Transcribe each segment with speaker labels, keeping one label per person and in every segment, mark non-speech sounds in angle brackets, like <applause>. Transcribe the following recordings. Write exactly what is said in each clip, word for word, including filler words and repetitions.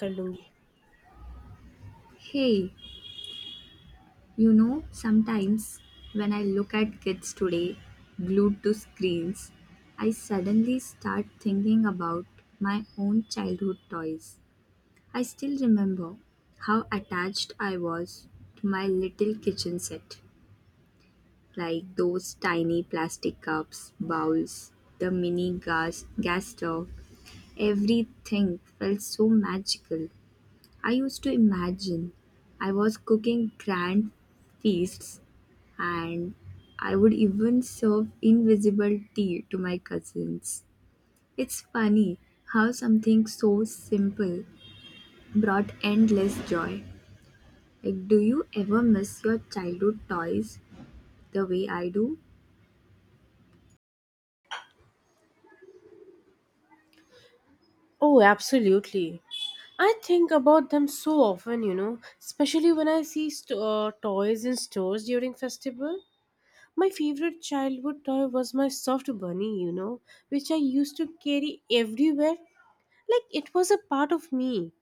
Speaker 1: कर लूंगी
Speaker 2: Hey, you know, sometimes when I look at kids today glued to screens, I suddenly start thinking about my own childhood toys. I still remember how attached I was to my little kitchen set, like those tiny plastic cups, bowls, the mini gas, gas stove. Everything felt so magical. I used to imagine I was cooking grand feasts and I would even serve invisible tea to my cousins. It's funny how something so simple brought endless joy. Like, do you ever miss your childhood toys the way I do?
Speaker 1: Oh, absolutely. I think about them so often, you know, especially when I see st- uh, toys in stores during festival. My favorite childhood toy was my soft bunny, you know, which I used to carry everywhere. Like it was a part of me.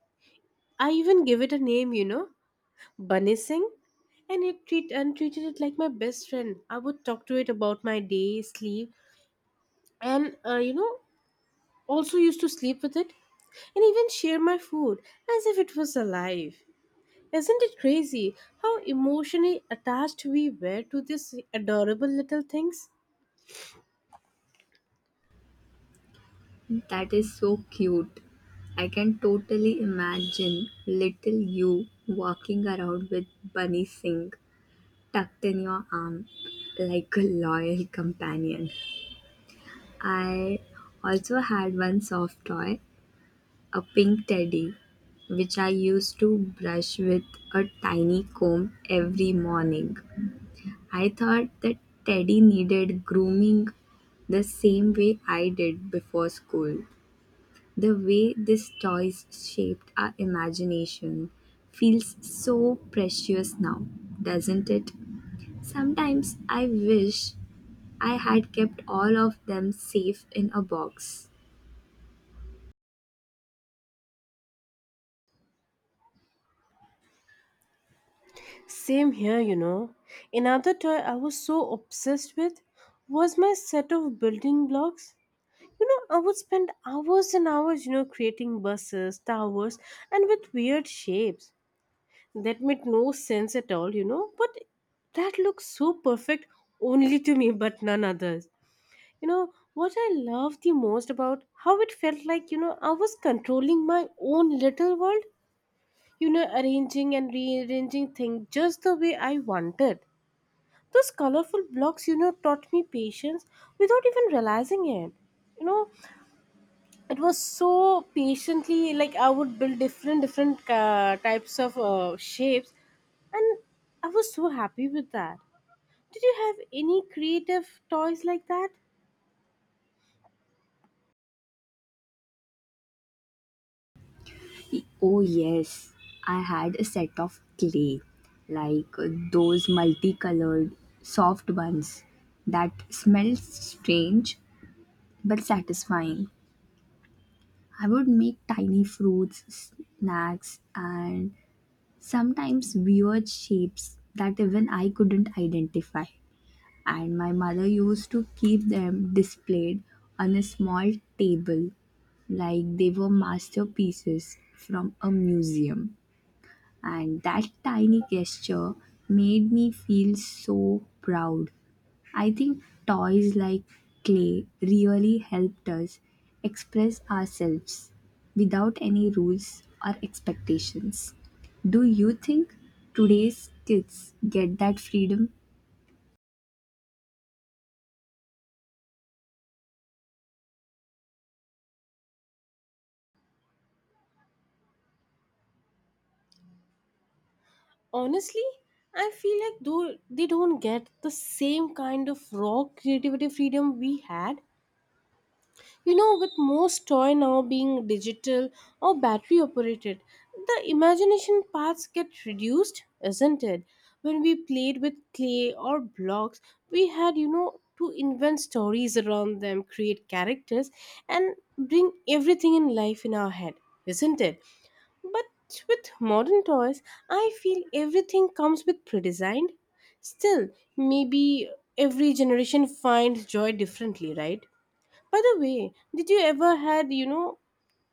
Speaker 1: I even gave it a name, you know, Bunny Singh, and it treat and treated it like my best friend. I would talk to it about my day, sleep, and uh, you know, also used to sleep with it. And even share my food as if it was alive. Isn't it crazy how emotionally attached we were to these adorable little things?
Speaker 2: That is so cute. I can totally imagine little you walking around with Bunny Singh tucked in your arm like a loyal companion. I also had one soft toy, a pink teddy, which I used to brush with a tiny comb every morning. I thought that teddy needed grooming the same way I did before school. The way these toys shaped our imagination feels so precious now, doesn't it? Sometimes I wish I had kept all of them safe in a box.
Speaker 1: Same here, you know. Another toy I was so obsessed with was my set of building blocks. You know, I would spend hours and hours, you know, creating buses, towers, and with weird shapes. That made no sense at all, you know, but that looks so perfect only to me, but none others. You know, what I love the most about how it felt like, you know, I was controlling my own little world, you know, arranging and rearranging things just the way I wanted. Those colorful blocks, you know, taught me patience without even realizing it. You know, it was so patiently like I would build different different uh, types of uh, shapes, and I was so happy with that. Did you have any creative toys like that?
Speaker 2: Oh, yes, I had a set of clay, like uh, those multicolored soft ones that smell strange but satisfying. I would make tiny fruits, snacks, and sometimes weird shapes that even I couldn't identify. And my mother used to keep them displayed on a small table like they were masterpieces from a museum. And that tiny gesture made me feel so proud. I think toys like clay really helped us express ourselves without any rules or expectations. Do you think today's kids get that freedom?
Speaker 1: honestly I feel like though they don't get the same kind of raw creativity freedom we had, you know with most toy now being digital or battery operated. The imagination parts get reduced, isn't it? When we played with clay or blocks, we had, you know to invent stories around them, create characters, and bring everything in life in our head, isn't it? But with modern toys, I feel everything comes with pre-designed. Still, maybe every generation finds joy differently, right? By the way, did you ever had, you know,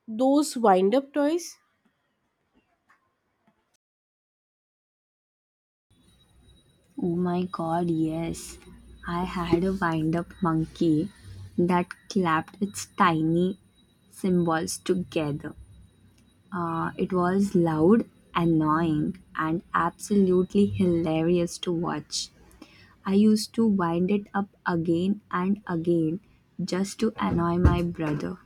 Speaker 1: those wind-up toys?
Speaker 2: Oh my god, yes. I had a wind up monkey that clapped its tiny symbols together. Uh, it was loud, annoying, and absolutely hilarious to watch. I used to wind it up again and again just to annoy my brother.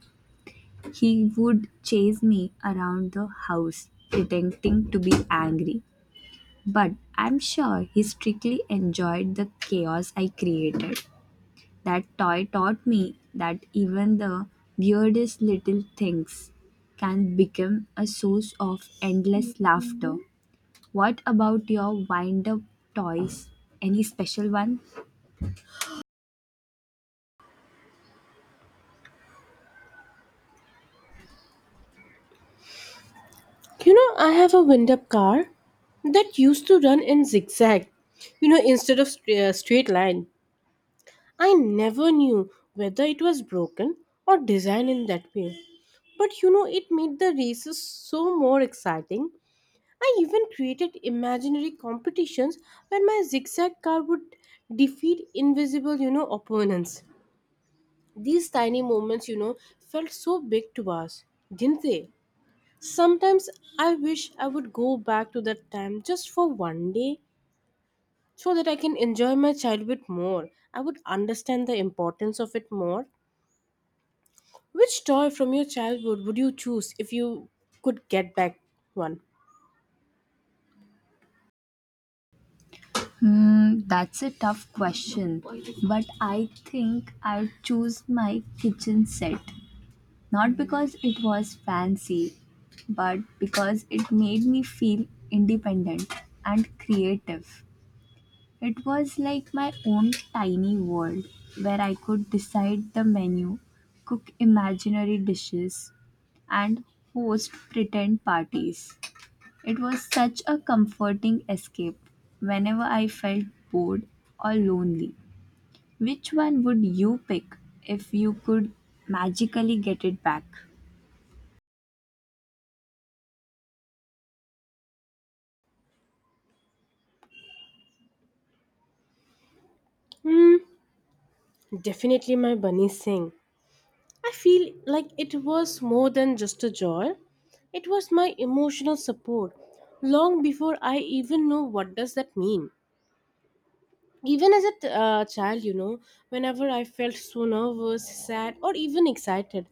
Speaker 2: He would chase me around the house, pretending to be angry. But I'm sure he strictly enjoyed the chaos I created. That toy taught me that even the weirdest little things can become a source of endless laughter. What about your wind up toys? Any special one?
Speaker 1: You know, I have a wind-up car that used to run in zigzag, you know, instead of st- uh, straight line. I never knew whether it was broken or designed in that way. But you know, it made the races so more exciting. I even created imaginary competitions where my zigzag car would defeat invisible, you know, opponents. These tiny moments, you know, felt so big to us, didn't they? Sometimes I wish I would go back to that time just for one day so that I can enjoy my childhood more. I would understand the importance of it more. Which toy from your childhood would you choose if you could get back one?
Speaker 2: Hmm, that's a tough question. But I think I'd choose my kitchen set. Not because it was fancy, but because it made me feel independent and creative. It was like my own tiny world where I could decide the menu, cook imaginary dishes, and host pretend parties. It was such a comforting escape whenever I felt bored or lonely. Which one would you pick if you could magically get it back?
Speaker 1: Hmm, definitely my Bunny Singh. I feel like it was more than just a joy. It was my emotional support long before I even know what does that mean. Even as a t- uh, child, you know, whenever I felt so nervous, sad, or even excited,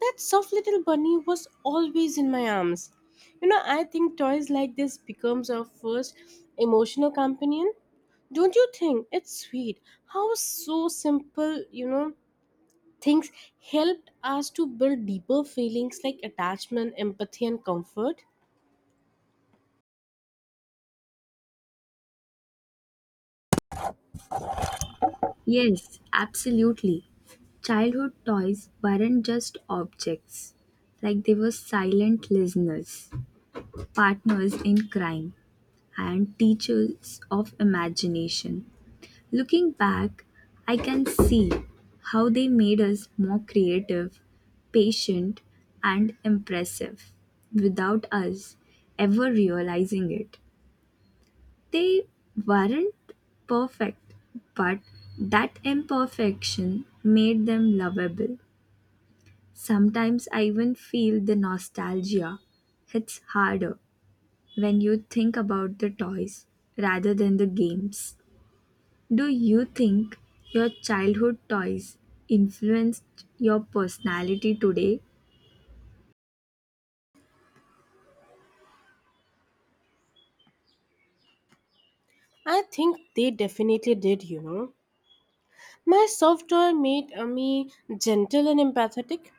Speaker 1: that soft little bunny was always in my arms. You know, I think toys like this becomes our first emotional companion. Don't you think it's sweet how so simple, you know, things helped us to build deeper feelings like attachment, empathy, and comfort.
Speaker 2: Yes, absolutely. Childhood toys weren't just objects, like they were silent listeners, partners in crime, and teachers of imagination. Looking back, I can see how they made us more creative, patient, and impressive without us ever realizing it. They weren't perfect, but that imperfection made them lovable. Sometimes I even feel the nostalgia hits harder when you think about the toys rather than the games. Do you think your childhood toys influenced your personality today?
Speaker 1: I think they definitely did, you know. My soft toy made uh, me gentle and empathetic,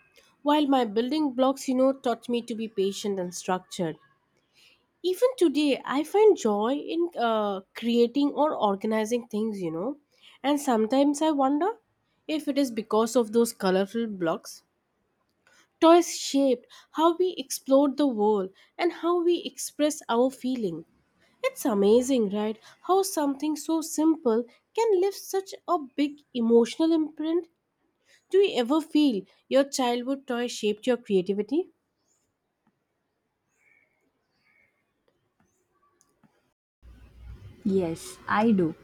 Speaker 1: while my building blocks, you know, taught me to be patient and structured. Even today, I find joy in uh, creating or organizing things, you know. And sometimes I wonder if it is because of those colorful blocks. Toys shaped how we explored the world and how we express our feeling. It's amazing, right? How something so simple can leave such a big emotional imprint. Do you ever feel your childhood toy shaped your creativity?
Speaker 2: Yes, I do.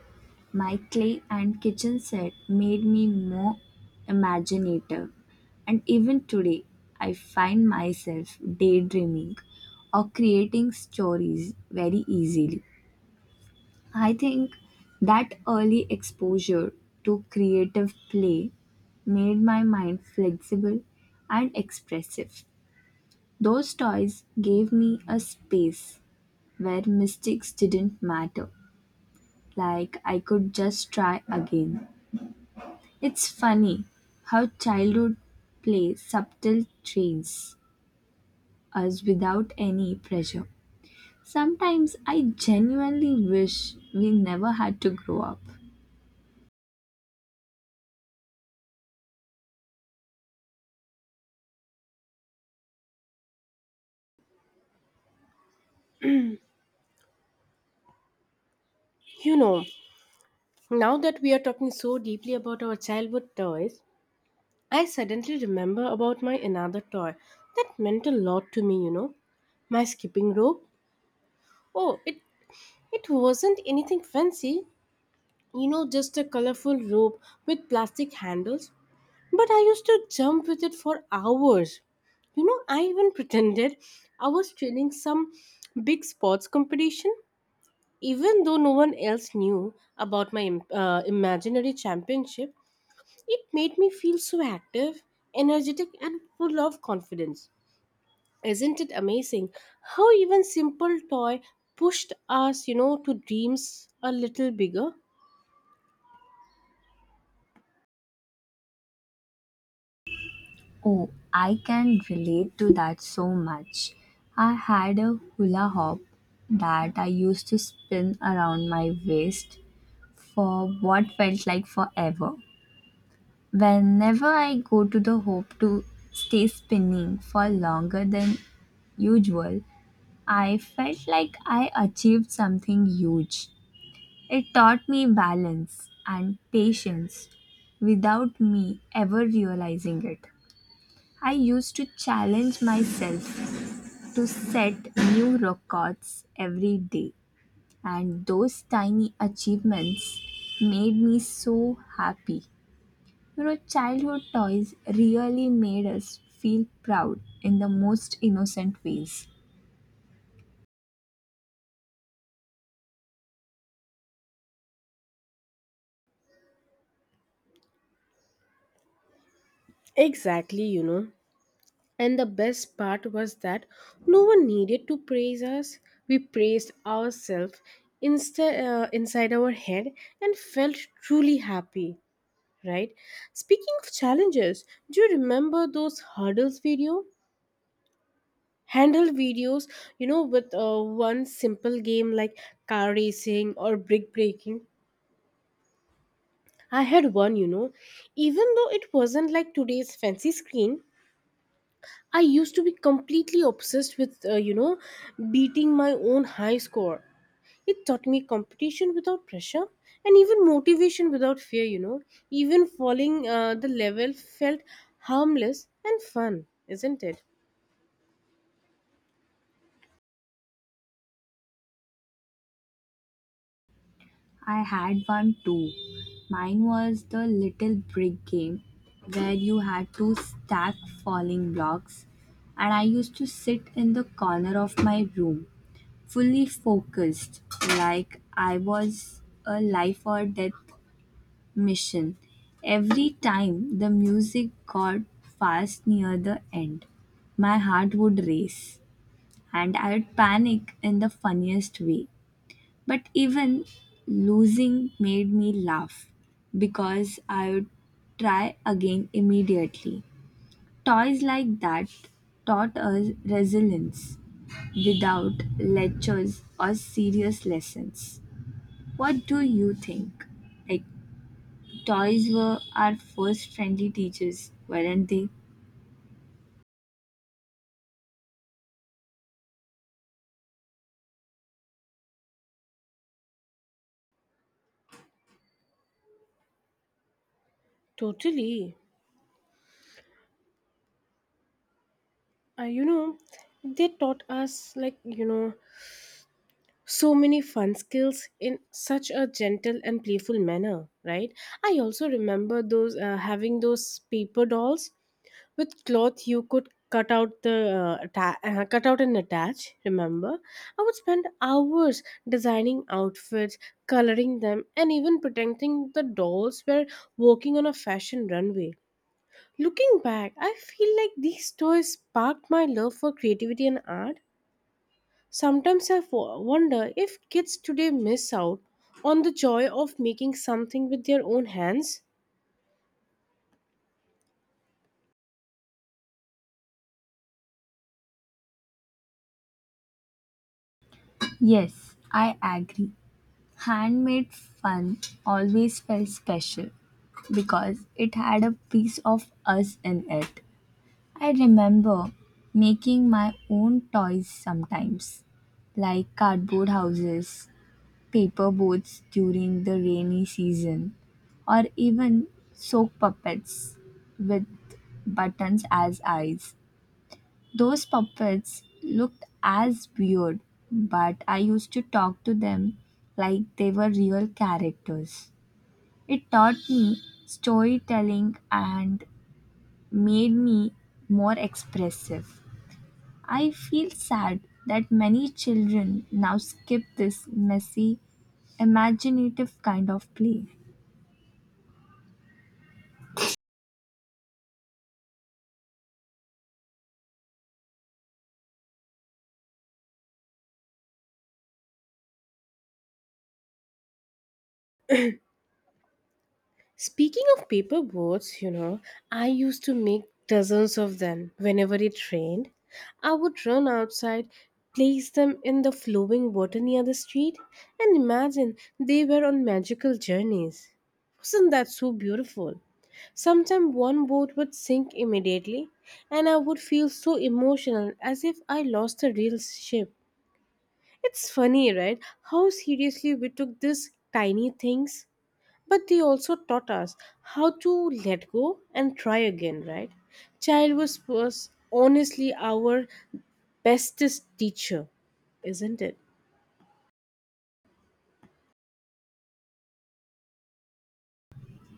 Speaker 2: My clay and kitchen set made me more imaginative, and even today, I find myself daydreaming or creating stories very easily. I think that early exposure to creative play made my mind flexible and expressive. Those toys gave me a space where mistakes didn't matter, like I could just try again. It's funny how childhood play subtle trains us without any pressure. Sometimes I genuinely wish we never had to grow up.
Speaker 1: You know, now that we are talking so deeply about our childhood toys, I suddenly remember about my another toy that meant a lot to me, you know my skipping rope. Oh, it it wasn't anything fancy, you know, just a colorful rope with plastic handles. But I used to jump with it for hours. You know, I even <laughs> pretended I was training some big sports competition. Even though no one else knew about my im- uh, imaginary championship, it made me feel so active, energetic, and full of confidence. Isn't it amazing how even simple toy pushed us, you know, to dreams a little bigger?
Speaker 2: Oh, I can relate to that so much. I had a hula hoop that I used to spin around my waist for what felt like forever. Whenever I go to the hoop to stay spinning for longer than usual, I felt like I achieved something huge. It taught me balance and patience without me ever realizing it. I used to challenge myself to set new records every day, and those tiny achievements made me so happy. You know, childhood toys really made us feel proud in the most innocent ways.
Speaker 1: Exactly, you know. And the best part was that no one needed to praise us. We praised ourselves insta- uh, inside our head and felt truly happy, right? Speaking of challenges, do you remember those hurdles video? Handle videos, you know, with uh, one simple game like car racing or brick breaking. I had one, you know, even though it wasn't like today's fancy screen, I used to be completely obsessed with, uh, you know, beating my own high score. It taught me competition without pressure and even motivation without fear, you know. Even falling uh, the level felt harmless and fun, isn't it?
Speaker 2: I had one too. Mine was the little brick game where you had to stack falling blocks, and I used to sit in the corner of my room fully focused, like I was a life or death mission. Every time the music got fast near the end, my heart would race and I would panic in the funniest way. But even losing made me laugh because I would try again immediately. Toys like that taught us resilience without lectures or serious lessons. What do you think? Like, toys were our first friendly teachers, weren't they?
Speaker 1: Totally. Uh, you know, they taught us, like, you know, so many fun skills in such a gentle and playful manner, right? I also remember those uh, having those paper dolls with cloth you could cut out the uh, atta- uh, cut out and attach, remember? I would spend hours designing outfits, coloring them, and even pretending the dolls were walking on a fashion runway. Looking back, I feel like these toys sparked my love for creativity and art. Sometimes I fo- wonder if kids today miss out on the joy of making something with their own hands.
Speaker 2: Yes, I agree. Handmade fun always felt special because it had a piece of us in it. I remember making my own toys sometimes, like cardboard houses, paper boats during the rainy season, or even soap puppets with buttons as eyes. Those puppets looked as weird, but I used to talk to them like they were real characters. It taught me storytelling and made me more expressive. I feel sad that many children now skip this messy, imaginative kind of play.
Speaker 1: Speaking of paper boats, you know, I used to make dozens of them whenever it rained. I would run outside, place them in the flowing water near the street, and imagine they were on magical journeys. Wasn't that so beautiful? Sometimes one boat would sink immediately, and I would feel so emotional as if I lost a real ship. It's funny, right? How seriously we took these tiny things. But they also taught us how to let go and try again, right? Child was, was honestly our bestest teacher, isn't it?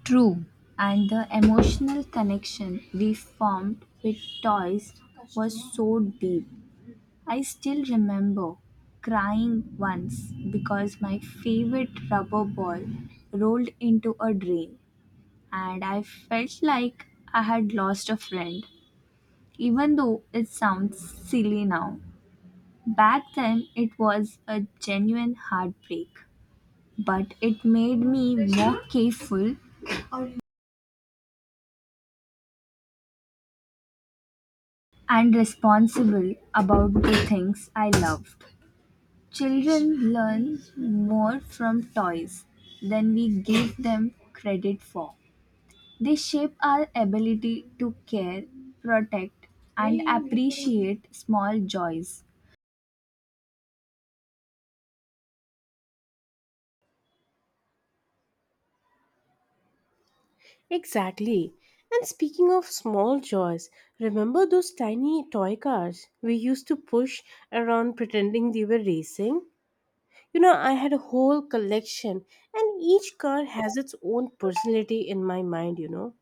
Speaker 2: True, and the emotional connection we formed with toys was so deep. I still remember crying once because my favorite rubber ball rolled into a drain and I felt like I had lost a friend, even though it sounds silly now. Back then, it was a genuine heartbreak, but it made me more careful and responsible about the things I loved. Children learn more from toys than we give them credit for. They shape our ability to care, protect, and appreciate small joys.
Speaker 1: Exactly. And speaking of small joys, remember those tiny toy cars we used to push around pretending they were racing? You know, I had a whole collection, and each car has its own personality in my mind, you know.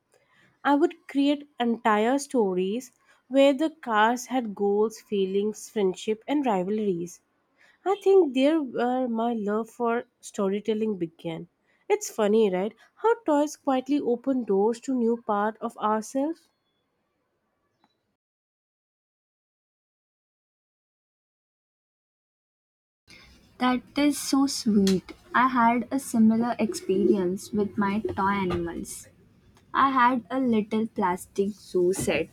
Speaker 1: I would create entire stories where the cars had goals, feelings, friendship, and rivalries. I think there where my love for storytelling began. It's funny, right? How toys quietly open doors to new part of ourselves.
Speaker 2: That is so sweet. I had a similar experience with my toy animals. I had a little plastic zoo set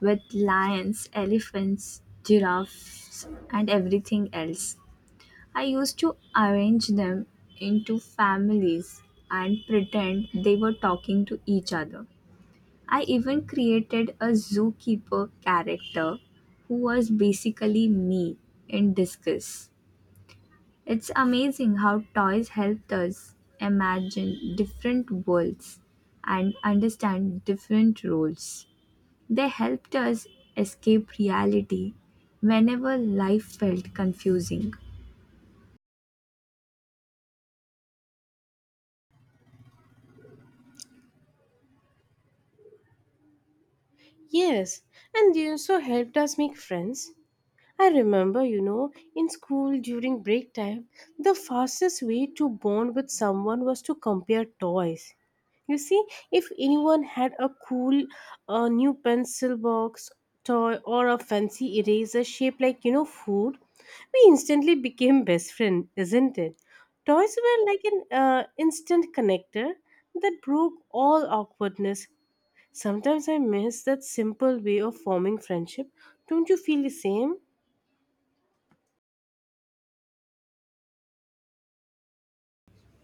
Speaker 2: with lions, elephants, giraffes, and everything else. I used to arrange them into families and pretend they were talking to each other. I even created a zookeeper character who was basically me in disguise. It's amazing how toys helped us imagine different worlds and understand different roles. They helped us escape reality whenever life felt confusing.
Speaker 1: Yes, and they also helped us make friends. I remember, you know, in school during break time, the fastest way to bond with someone was to compare toys. You see, if anyone had a cool uh, new pencil box, toy, or a fancy eraser shaped like, you know, food, we instantly became best friend, isn't it? Toys were like an uh, instant connector that broke all awkwardness. Sometimes I miss that simple way of forming friendship. Don't you feel the same?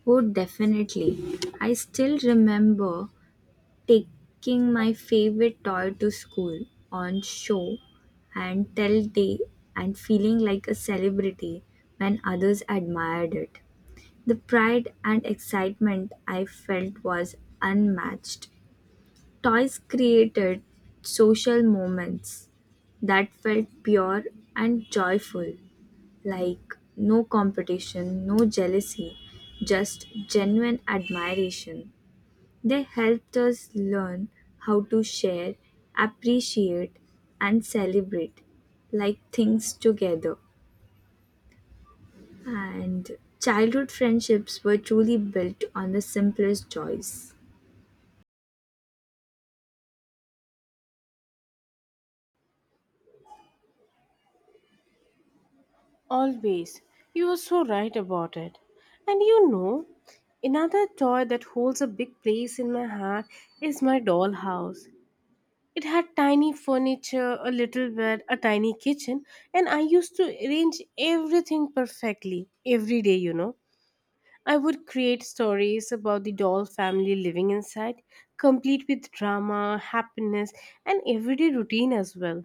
Speaker 2: Oh, definitely. I still remember taking my favorite toy to school on show and tell day and feeling like a celebrity when others admired it. The pride and excitement I felt was unmatched. Toys created social moments that felt pure and joyful, like no competition, no jealousy, just genuine admiration. They helped us learn how to share, appreciate, and celebrate like things together. And childhood friendships were truly built on the simplest joys.
Speaker 1: Always. You are so right about it. And you know, another toy that holds a big place in my heart is my dollhouse. It had tiny furniture, a little bed, a tiny kitchen, and I used to arrange everything perfectly every day, you know. I would create stories about the doll family living inside, complete with drama, happiness, and everyday routine as well.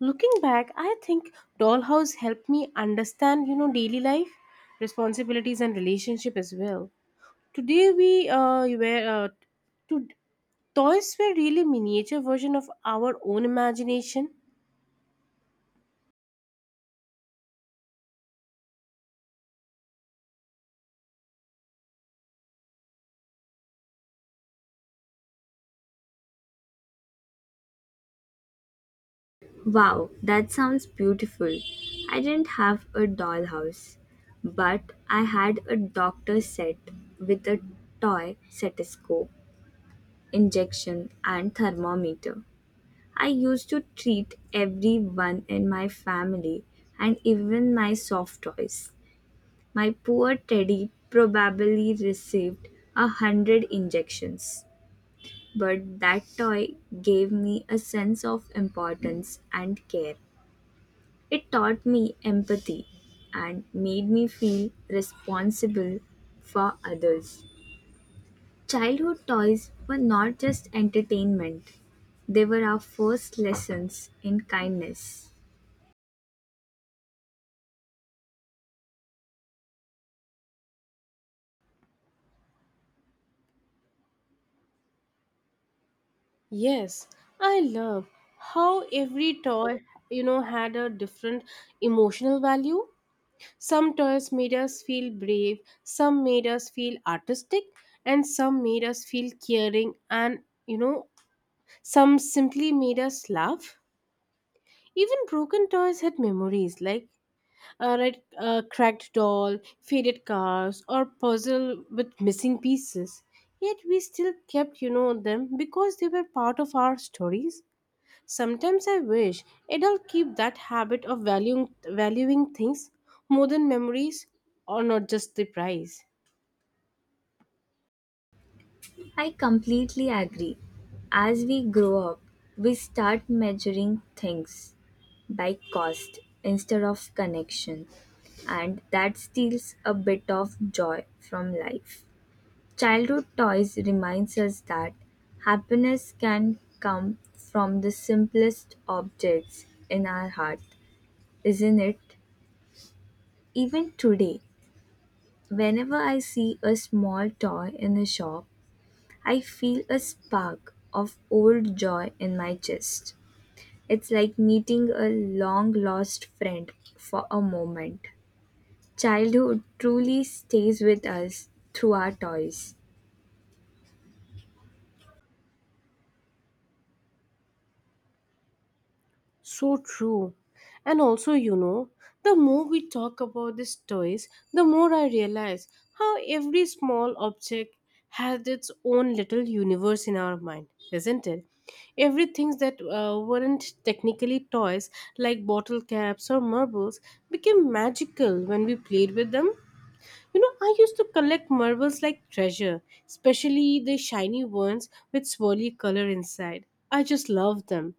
Speaker 1: Looking back, I think dollhouse helped me understand, you know, daily life, responsibilities, and relationship as well. Today we uh, were uh, to toys were really miniature version of our own imagination.
Speaker 2: Wow, that sounds beautiful. I didn't have a dollhouse, but I had a doctor set with a toy stethoscope, injection, and thermometer. I used to treat everyone in my family and even my soft toys. My poor Teddy probably received a hundred injections, but that toy gave me a sense of importance and care. It taught me empathy and made me feel responsible for others. Childhood toys were not just entertainment, they were our first lessons in kindness.
Speaker 1: Yes, I love how every toy, you know, had a different emotional value. Some toys made us feel brave, some made us feel artistic, and some made us feel caring, and you know, some simply made us laugh. Even broken toys had memories like a red, uh, cracked doll, faded cars, or puzzle with missing pieces. Yet we still kept, you know, them because they were part of our stories. Sometimes I wish adults keep that habit of valuing, valuing things more than memories or not just the price.
Speaker 2: I completely agree. As we grow up, we start measuring things by cost instead of connection, and that steals a bit of joy from life. Childhood toys reminds us that happiness can come from the simplest objects in our heart, isn't it? Even today, whenever I see a small toy in a shop, I feel a spark of old joy in my chest. It's like meeting a long lost friend for a moment. Childhood truly stays with us through our toys.
Speaker 1: So true. And also, you know, the more we talk about these toys, the more I realize how every small object has its own little universe in our mind, isn't it? Everything that uh, weren't technically toys, like bottle caps or marbles, became magical when we played with them. You know, I used to collect marbles like treasure, especially the shiny ones with swirly color inside. I just loved them.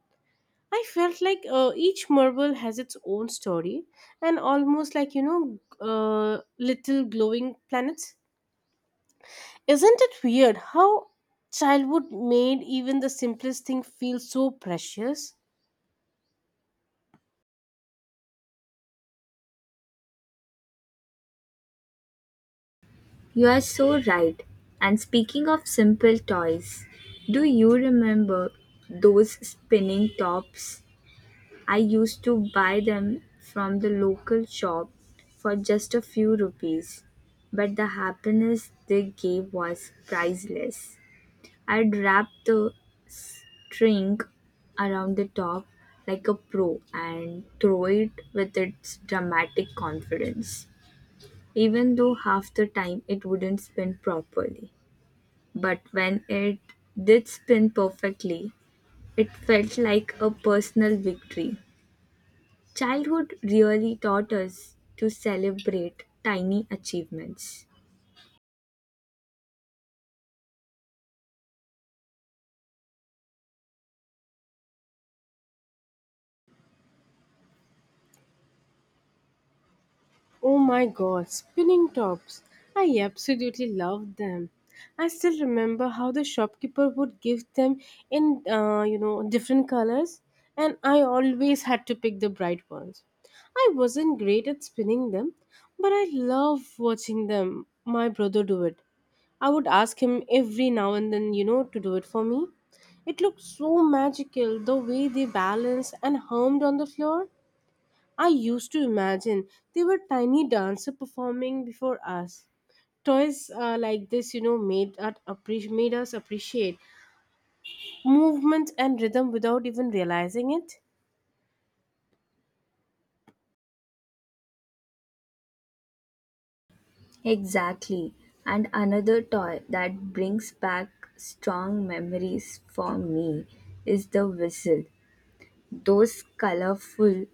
Speaker 1: I felt like uh, each marble has its own story and almost like, you know, uh, little glowing planets. Isn't it weird how childhood made even the simplest thing feel so precious?
Speaker 2: You are so right. And speaking of simple toys, do you remember those spinning tops? I used to buy them from the local shop for just a few rupees, but the happiness they gave was priceless. I'd wrap the string around the top like a pro and throw it with its dramatic confidence, even though half the time it wouldn't spin properly. But when it did spin perfectly, it felt like a personal victory. Childhood really taught us to celebrate tiny achievements.
Speaker 1: Oh my god, spinning tops! I absolutely loved them. I still remember how the shopkeeper would give them in, uh, you know, different colors, and I always had to pick the bright ones. I wasn't great at spinning them, but I love watching them. My brother do it. I would ask him every now and then, you know, to do it for me. It looked so magical the way they balanced and hummed on the floor. I used to imagine they were tiny dancer performing before us. Toys uh, like this, you know, made, us appreci- made us appreciate movement and rhythm without even realizing it.
Speaker 2: Exactly. And another toy that brings back strong memories for me is the whistle. Those colorful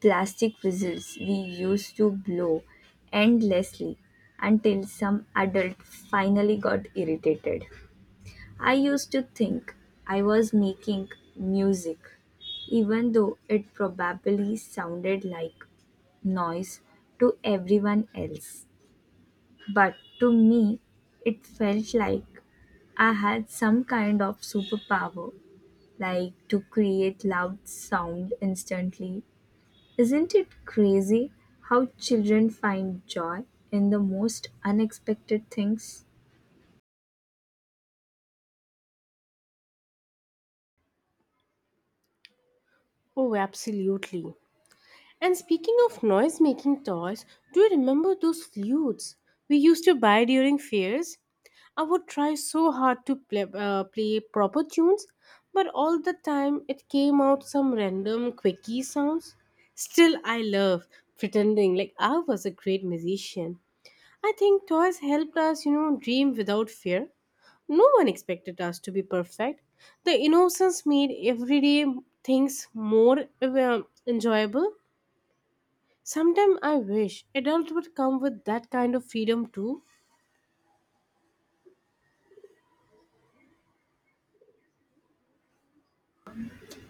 Speaker 2: plastic whistles we used to blow endlessly until some adult finally got irritated. I used to think I was making music, even though it probably sounded like noise to everyone else. But to me, it felt like I had some kind of superpower, like to create loud sound instantly. Isn't it crazy how children find joy in the most unexpected things?
Speaker 1: Oh, absolutely. And speaking of noise making toys, do you remember those flutes we used to buy during fairs? I would try so hard to play, uh, play proper tunes, but all the time it came out some random quirky sounds. Still, I love pretending like I was a great musician. I think toys helped us, you know, dream without fear. No one expected us to be perfect. The innocence made everyday things more uh, enjoyable. Sometimes I wish adults would come with that kind of freedom too.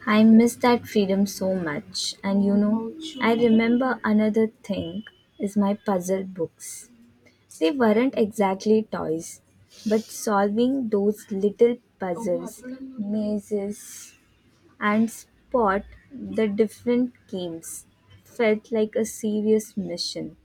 Speaker 2: I miss that freedom so much. And you know, I remember another thing is my puzzle books. They weren't exactly toys, but solving those little puzzles, mazes, and spot the different games felt like a serious mission.